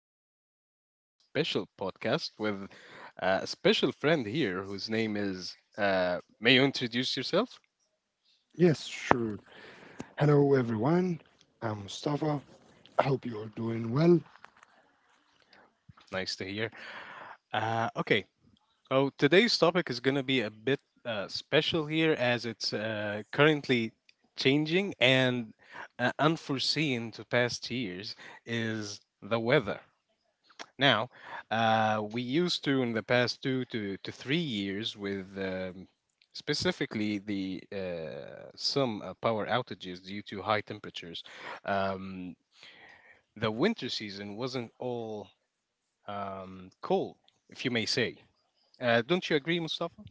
we're going to have a special podcast with a special friend here whose name is. May you introduce yourself? Yes, sure. Hello, everyone. I'm Mustafa. I hope you are doing well. Nice to hear. Okay. So, today's topic is going to be a bit special here as it's currently changing and unforeseen to past years is the weather. Now, we used to in the past two to 3 years with specifically the some power outages due to high temperatures. Um, the winter season wasn't all cold, if you may say. Don't you agree, Mustafa?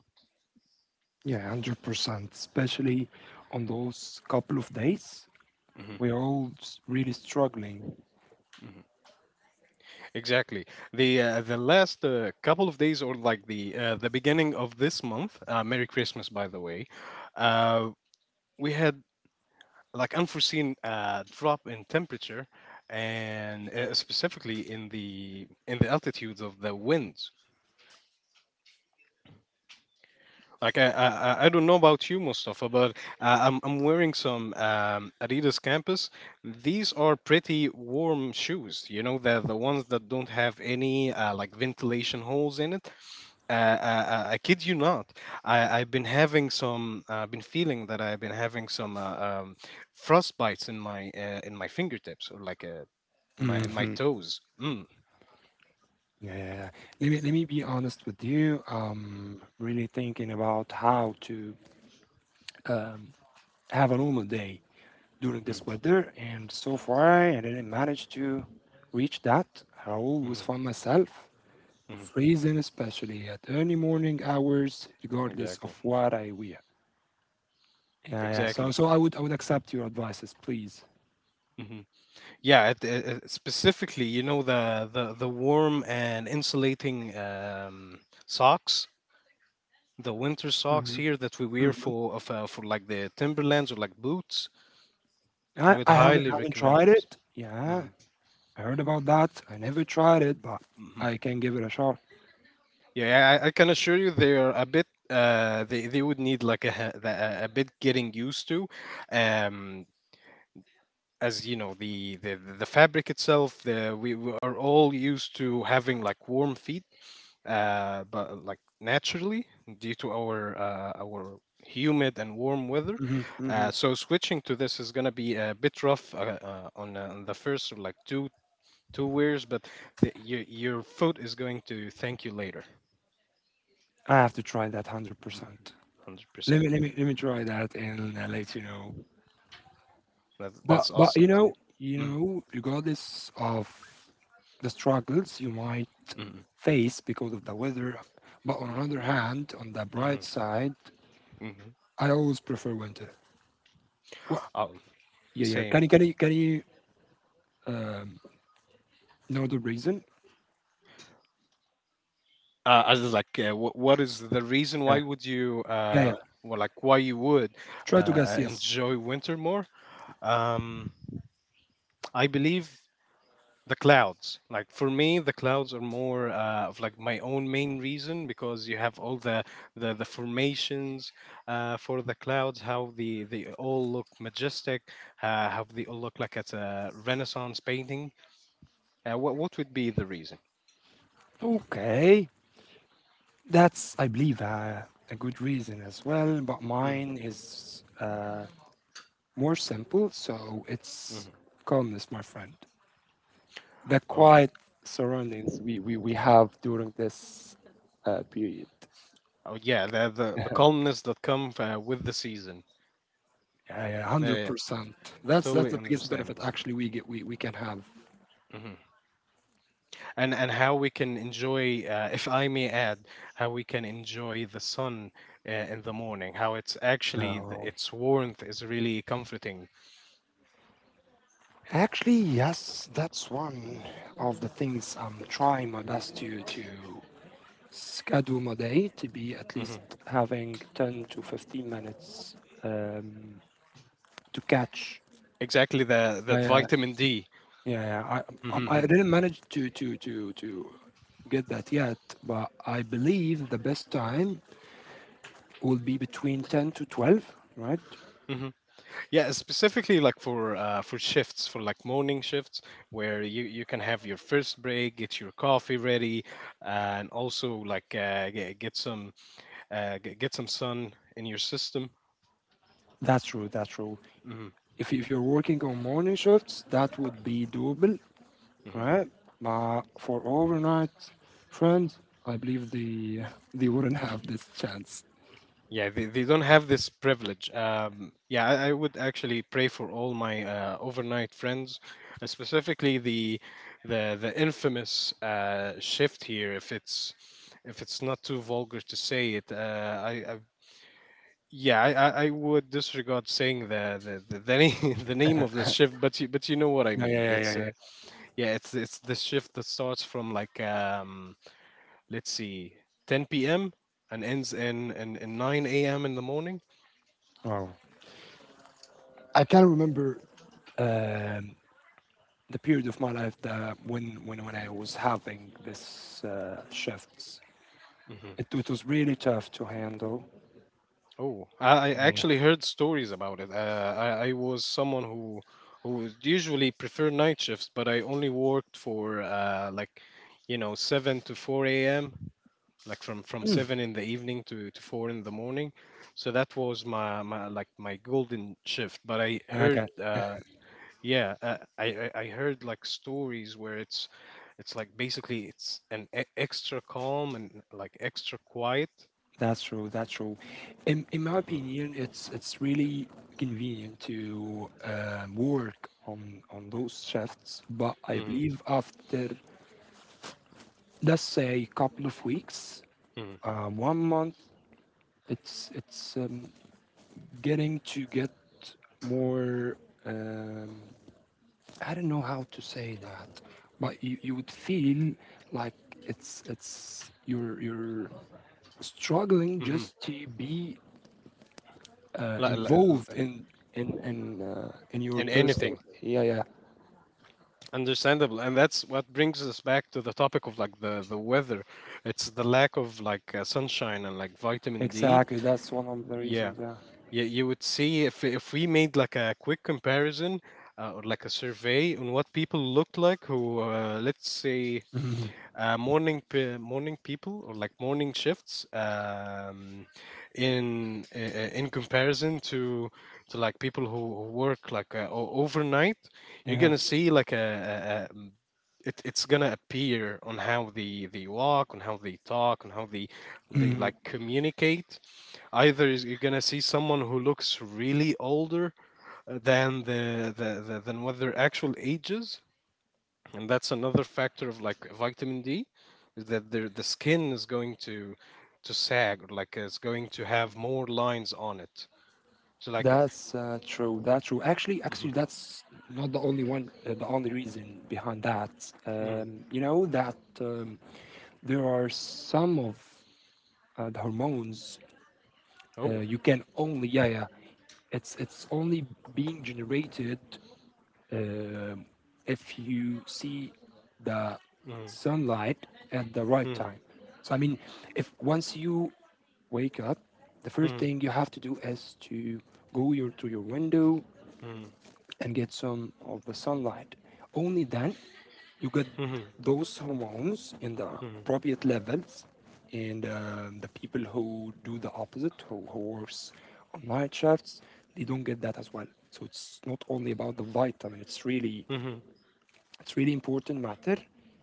Yeah, 100%, especially on those couple of days. Hmm. We're really struggling. Hmm. Exactly. The last couple of days, or like the beginning of this month. Merry Christmas, by the way. Uh, we had like unforeseen drop in temperature and specifically in the altitudes of the winds like I don't know about you, Mustafa, but I'm wearing some Adidas Campus. These are pretty warm shoes, you know, the ones that don't have any like ventilation holes in it. I kid you not, I've been having some I've been feeling that I've been having some frostbites in my fingertips or like a, and my and my Yeah, toes. Mm. yeah, yeah. Let me be honest with you. Mm-hmm. I'm really thinking about how to have a normal day during this Mm-hmm. weather. And so far, I didn't manage to reach that. I always Mm-hmm. find myself Mm-hmm. freezing, especially at early morning hours, regardless Exactly. of what I wear. Yeah, yeah. So, Exactly. so I would, I would accept your advices, please. Hmm. Yeah, specifically, you know, the the warm and insulating socks, the winter socks hmm here that we wear hmm for of, for like the Timberlands or like boots. I I, would I haven't, highly haven't recommend tried those. it. Hmm. Yeah, I heard about that. I never tried it, but Hmm. I can give it a shot. Yeah, I can assure you they are a bit. They would need like a, ha- the- a bit getting used to, um, as you know the the fabric itself, we are all used to having like warm feet but like naturally due to our humid and warm weather, hmm hmm so switching to this is going to be a bit rough, on the first like two wears, but your foot is going to thank you later. I have to try that 100%. Let me, 100% let me, let me try that, and I let you know. But that's but awesome to you. Mm, regardless of the struggles you might mm, face because of the weather, but on another hand, on the mm, bright mm, side, mm. I always prefer winter. What? Oh. Yeah, yeah. Can Same. you can you can you um, know the reason? As in, like, what is the reason why Yeah. would you, Yeah, yeah. Well, like, why you would uh, Try to guess. Yes. enjoy winter more? Um, I believe the clouds. Like for me, the clouds are more of like my own main reason, because you have all the the formations for the clouds, how the they all look majestic, how they all look like it's a Renaissance painting. What would be the reason? Okay, that's I believe a good reason as well. But Hmm. mine is more simple, so it's Hmm. calmness, my friend. The Oh. quiet surroundings we have during this period. Oh yeah, the the calmness that come with the season. Yeah, yeah, yeah, Yeah, yeah, hundred yeah. percent. That's Totally the biggest benefit understandable. actually we can have. Hmm. And how we can enjoy, if I may add, how we can enjoy the sun in the morning. How it's actually No, its warmth is really comforting. actually, yes, that's one Hmm. of the things I'm trying my best to schedule my day to be at Hmm. least having 10 to 15 minutes, um, to catch. Exactly, the Yeah, that yeah, vitamin D. yeah, yeah. I, I Hmm. didn't manage to get that yet, but I believe the best time will be between 10 to 12, right? Hmm. Yeah, specifically like for shifts, for like morning shifts, where you can have your first break, get your coffee ready, and also like get some get some sun in your system. That's true. That's true. Hmm. If you're working on morning shifts, that would be doable, Hmm. right? But for overnight friends, I believe they wouldn't have this chance. Yeah, they don't have this privilege. Yeah, I would actually pray for all my overnight friends, specifically the the infamous shift here. If it's not too vulgar to say it, I. Yeah, I would disregard saying the name, the name of the shift, but you know what I Yeah, mean. yeah, It's yeah, yeah, yeah, it's the shift that starts from like let's see, 10 p.m. and ends in in 9 a.m. in the morning. yeah. Wow. I can remember. Um, the period of my life that when I was having this shifts, Hmm. it was really tough to handle. Oh, I Yeah, actually yeah. heard stories about it. I was someone who usually prefer night shifts, but I only worked for like you know 7 to 4 a.m., like from Mm, seven in the evening to four in the morning. So that was my my like my golden shift. But I heard, okay, yeah, I heard like stories where it's like basically it's an extra calm and like extra quiet. that's true. That's true. In my Mhm, opinion, it's really convenient to work on those shifts, but I mhm, believe after let's say a couple of weeks, mhm, one month, it's getting to get more. Um, I don't know how to say that, but you would feel like it's you're struggling mhm. just to be Li- li- involved li- in your And personal. anything Yeah, yeah, understandable, and that's what brings us back to the topic of like the weather. It's the lack of like sunshine and like vitamin D. exactly. That's one of the Yeah, reasons. Yeah. You would see if we made like a quick comparison or like a survey on what people looked like who let's say Mhm. Morning people or like morning shifts, in comparison to like people who work like overnight. You're Yeah, gonna see like a it, it's gonna appear on how they walk, on how they talk, on how they mhm. like communicate, either you're gonna see someone who looks really older than the, than what their actual age is, and that's another factor of like vitamin D, is that their the skin is going to sag, like it's going to have more lines on it, so like. That's true. That's true. Actually, Mm. that's not the only one. The only reason behind that, Mm. You know, that there are some of the hormones. Oh. You can only yeah yeah. It's only being generated um if you see the Mm. sunlight at the right Mm. time. So I mean, if once you wake up, the first Mm. thing you have to do is to go your to your window Mm. and get some of the sunlight. Only then you get Hmm, those hormones in the hmm, appropriate levels. And the people who do the opposite, who works on night shifts, they don't get that as well. So it's not only about the vitamin. Hmm, It's really important matter.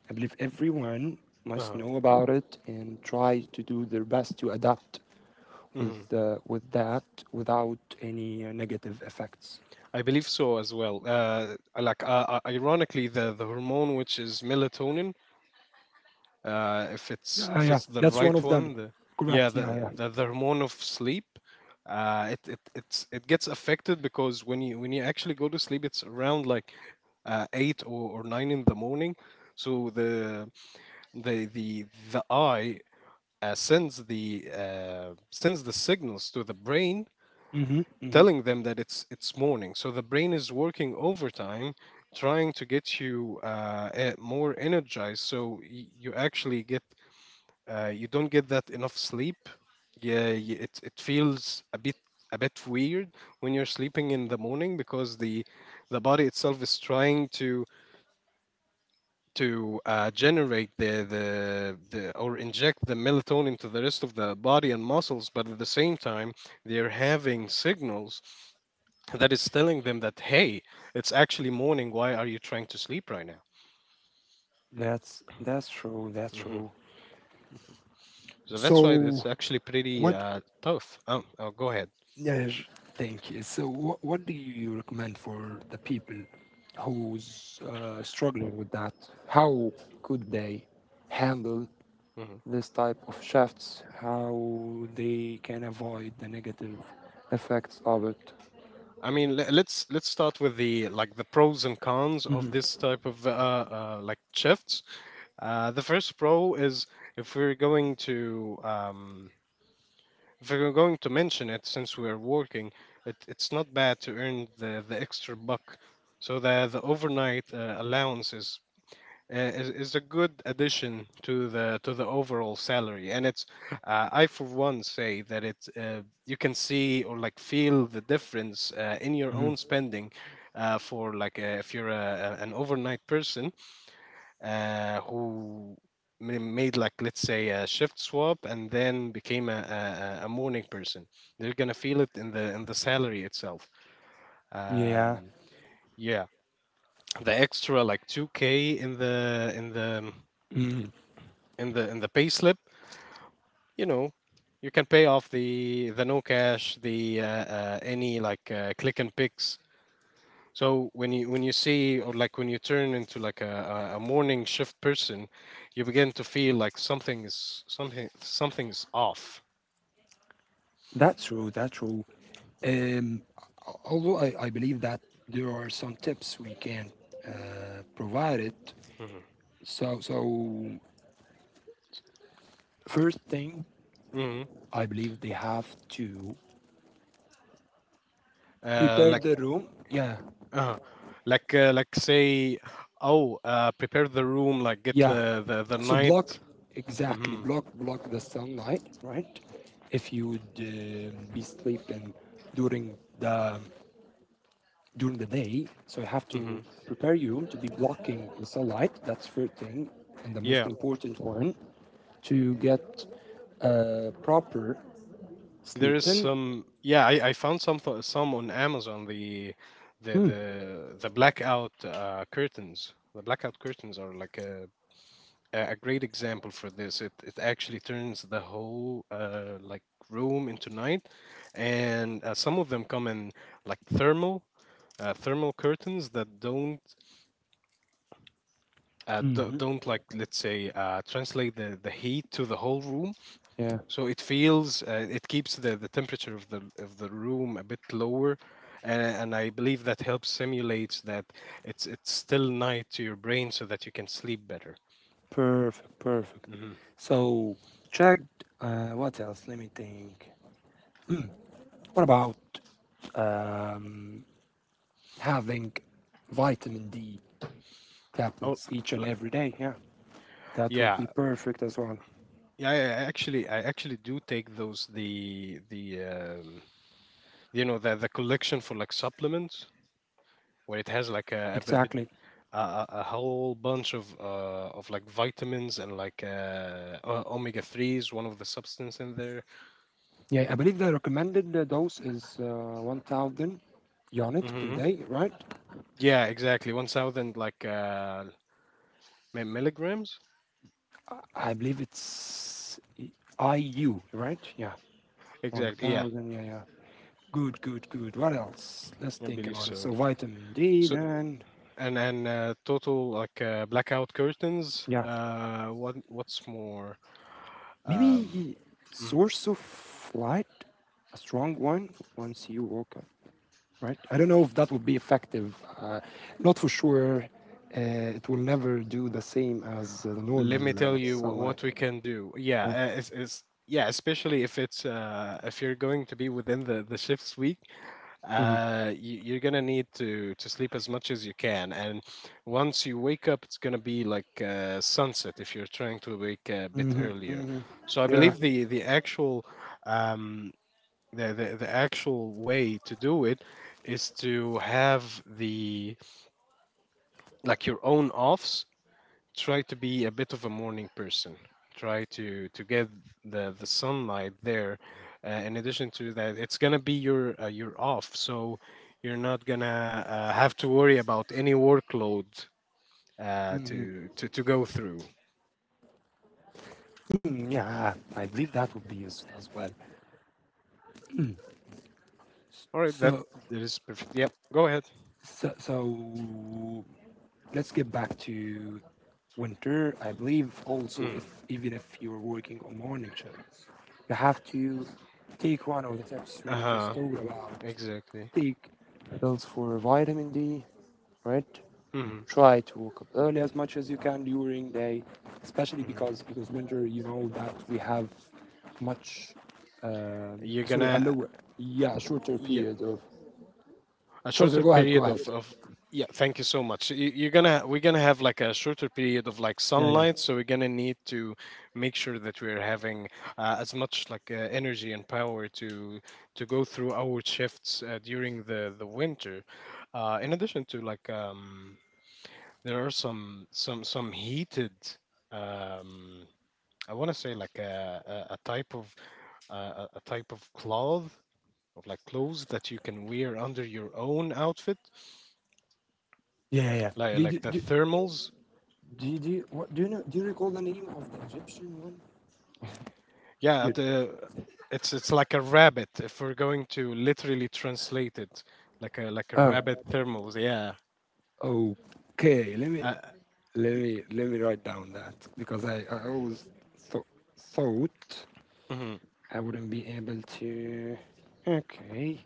I believe everyone must uh-huh. know about it and try to do their best to adapt Mhm. with that without any negative effects. I believe so as well. I like Ironically, the hormone which is melatonin, Yeah, yeah, if yeah. it's the That's one right of them. one, the, yeah, Correct. Yeah, the yeah. The hormone of sleep, it gets affected because when you actually go to sleep, it's around like eight or nine in the morning. So the the the the eye sends the signals to the brain, Mm-hmm, mm-hmm. telling them that it's morning. So the brain is working overtime, trying to get you more energized. So you actually get you don't get that enough sleep. Yeah, it it feels a bit weird when you're sleeping in the morning, because the body itself is trying to generate the or inject the melatonin to the rest of the body and muscles, but at the same time they're having signals that is telling them that hey, it's actually morning, why are you trying to sleep right now? That's true. That's Hmm. true. So that's why So, it's actually pretty what? Tough. Oh, oh, go ahead. Yeah, thank you. So, what do you recommend for the people who's struggling with that? How could they handle Hmm. this type of shifts, how they can avoid the negative effects of it. I mean, let's start with the like the pros and cons of this type of like shifts. The first pro is, if we're going to if we're going to mention it, since we're working, it's not bad to earn the extra buck, so the overnight allowance is is a good addition to the overall salary, and it's I for one say that it's you can see or like feel the difference in your Mhm. own spending, for like if you're an overnight person who made like, let's say, a shift swap and then became a morning person, they're gonna feel it in the salary itself. Yeah. um, yeah, the extra like 2k in the in the in the in the pay slip, you know, you can pay off the no cash the any like click and picks. So when you see or like when you turn into like a morning shift person, you begin to feel like something is something something is off. That's true. That's true. Um, although I believe that there are some tips we can provide it. Mm-hmm. So, first thing, Hmm. I believe they have to Uh, prepare like the room. Yeah, uh, like say, oh, prepare the room, like get yeah. the the So block night. exactly Hmm. block the sunlight, right? If you would be sleeping during the during the day. So you have to Hmm. prepare your room to be blocking the sunlight. That's first thing, and the most Yeah. important one to get proper There sleep. is Then, some, yeah, I found some some on Amazon. The mm, the blackout curtains. The blackout curtains are like a great example for this. It actually turns the whole like room into night, and some of them come in like thermal thermal curtains that don't hmm don't like, let's say, translate the heat to the whole room. yeah, So it feels it keeps the temperature of the room a bit lower, and I believe that helps simulates that it's still night to your brain, so that you can sleep better. perfect, perfect. Hmm. So checked. What else? Let me think. What about um, having vitamin D Oh, tablets each and l- every day? Yeah, that would yeah, be perfect as well. yeah. I actually do take those, the you know, the collection for like supplements where it has like a, bit- Exactly. A whole bunch of like vitamins and like omega threes, one of the substance in there, Yeah, I but. believe the recommended dose is 1000 units per Mhm. day, right? Yeah, exactly. 1000 like milligrams. I believe it's IU, right? Yeah, Exactly. Yeah, 1000, yeah, yeah. Good, good, good. What else? Let's I think believe about it. so. So, vitamin D, So then, and total like blackout curtains. yeah. What what's more? Um, Maybe mm, source of light, a strong one, once you woke up, right? I don't know if that would be effective. Not for sure. It will never do the same as the Let me normal tell you wh- sunlight. what we can do. Yeah, Yeah. It's yeah, especially if it's if you're going to be within the shifts week. Mhm. You're gonna need to sleep as much as you can, and once you wake up it's gonna be like sunset if you're trying to wake a bit Mhm. earlier. Mhm. So I Yeah. believe the actual, um the actual way to do it is to have the, like your own offs, try to be a bit of a morning person, try to get the sunlight there. In addition to that, it's gonna be your off, so you're not gonna have to worry about any workload to go through. Mm, yeah. I believe that would be useful as well. All right, that, So, that is perfect. Yep, go ahead. so, let's get back to winter. I believe also Mm. if even if you're working on morning shifts, you have to take one of the tips we just Uh-huh. talked about. Exactly. Take pills for vitamin D, right? Hmm. Try to wake up early as much as you can during day, especially because Hmm. because winter, you know that we have much You're sorry a gonna, lower yeah shorter period of. a So shorter go ahead, go period of ahead. of Yeah, thank you so much. You- you're gonna We're gonna have like a shorter period of like Yeah yeah sunlight, so we're gonna need to make sure that we're having as much like energy and power to go through our shifts during the winter. In addition to like, there are some heated, um I want to say like a type of a type of cloth, of like clothes that you can wear under your own outfit, yeah yeah. Yeah. like Did like you the do, thermals. do you what, do you know do you recall the name of the Egyptian one? Yeah, You, the, it's like a rabbit. If we're going to literally translate it, like a, like a rabbit thermals. Yeah. oh, okay. Let me Uh, let me let me write down that because I always thought thought mm-hmm, I wouldn't be able to. Okay,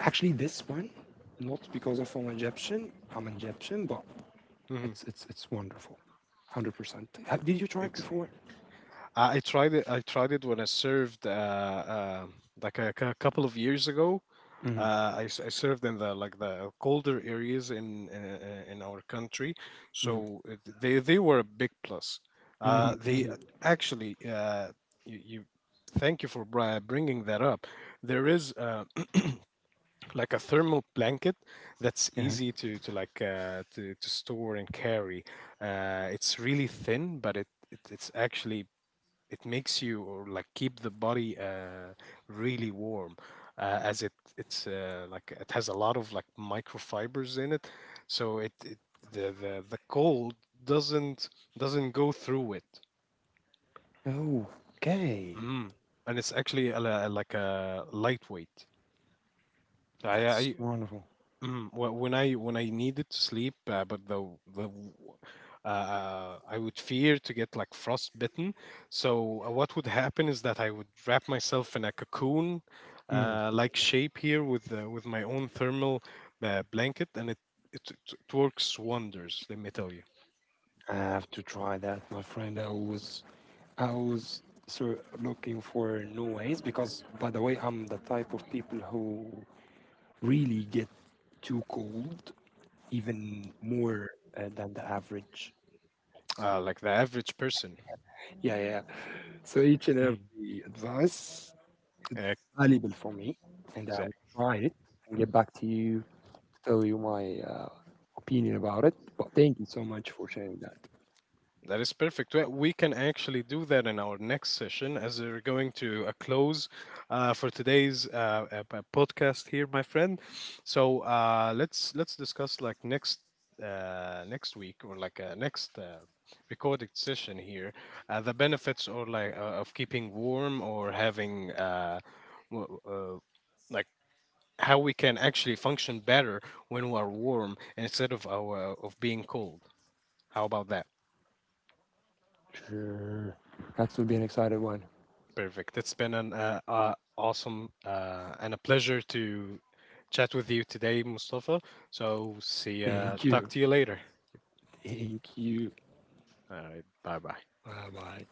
actually, this one not because of I'm Egyptian. I'm Egyptian, but it's wonderful, 100%. Did you try it mm-hmm, before? I tried it. I tried it when I served, like a, couple of years ago. hmm I, I served in the, like the colder areas in in our country, hmm so it, they were a big plus. hmm They hmm actually, you, you thank you for bringing that up. There is like a thermal blanket that's Yeah. easy to like to store and carry. It's really thin, but it's actually, it makes you or like keep the body really warm as it it's like it has a lot of like microfibers in it, so it, the cold doesn't doesn't go through it. Okay, Mm. And it's actually a, like a lightweight, that's I wonderful. mm, well, when I, when I needed to sleep, but the, the w- I would fear to get like frostbitten. So what would happen is that I would wrap myself in a cocoon, Mm-hmm. like shape here with my own thermal blanket, and it, it works wonders. Let me tell you, I have to try that, my friend. I was so looking for new ways because, by the way, I'm the type of people who really get too cold, even more than the average. Like the average person. Yeah, yeah. So each and Mm. every advice Uh, valuable for me, and I will exactly. try it and get back to you to tell you my opinion about it. But thank you so much for sharing that. That is perfect. Well, we can actually do that in our next session, as we're going to a close for today's podcast here, my friend. So let's discuss like next next week, or like next recorded session here, the benefits or like of keeping warm or having, w- uh, like, how we can actually function better when we are warm instead of our of being cold. How about that? Sure, that would be an exciting one. Perfect. It's been an awesome and a pleasure to chat with you today, Mustafa. So see, Thank talk you. to you later. Thank you, All right. Bye bye. bye bye.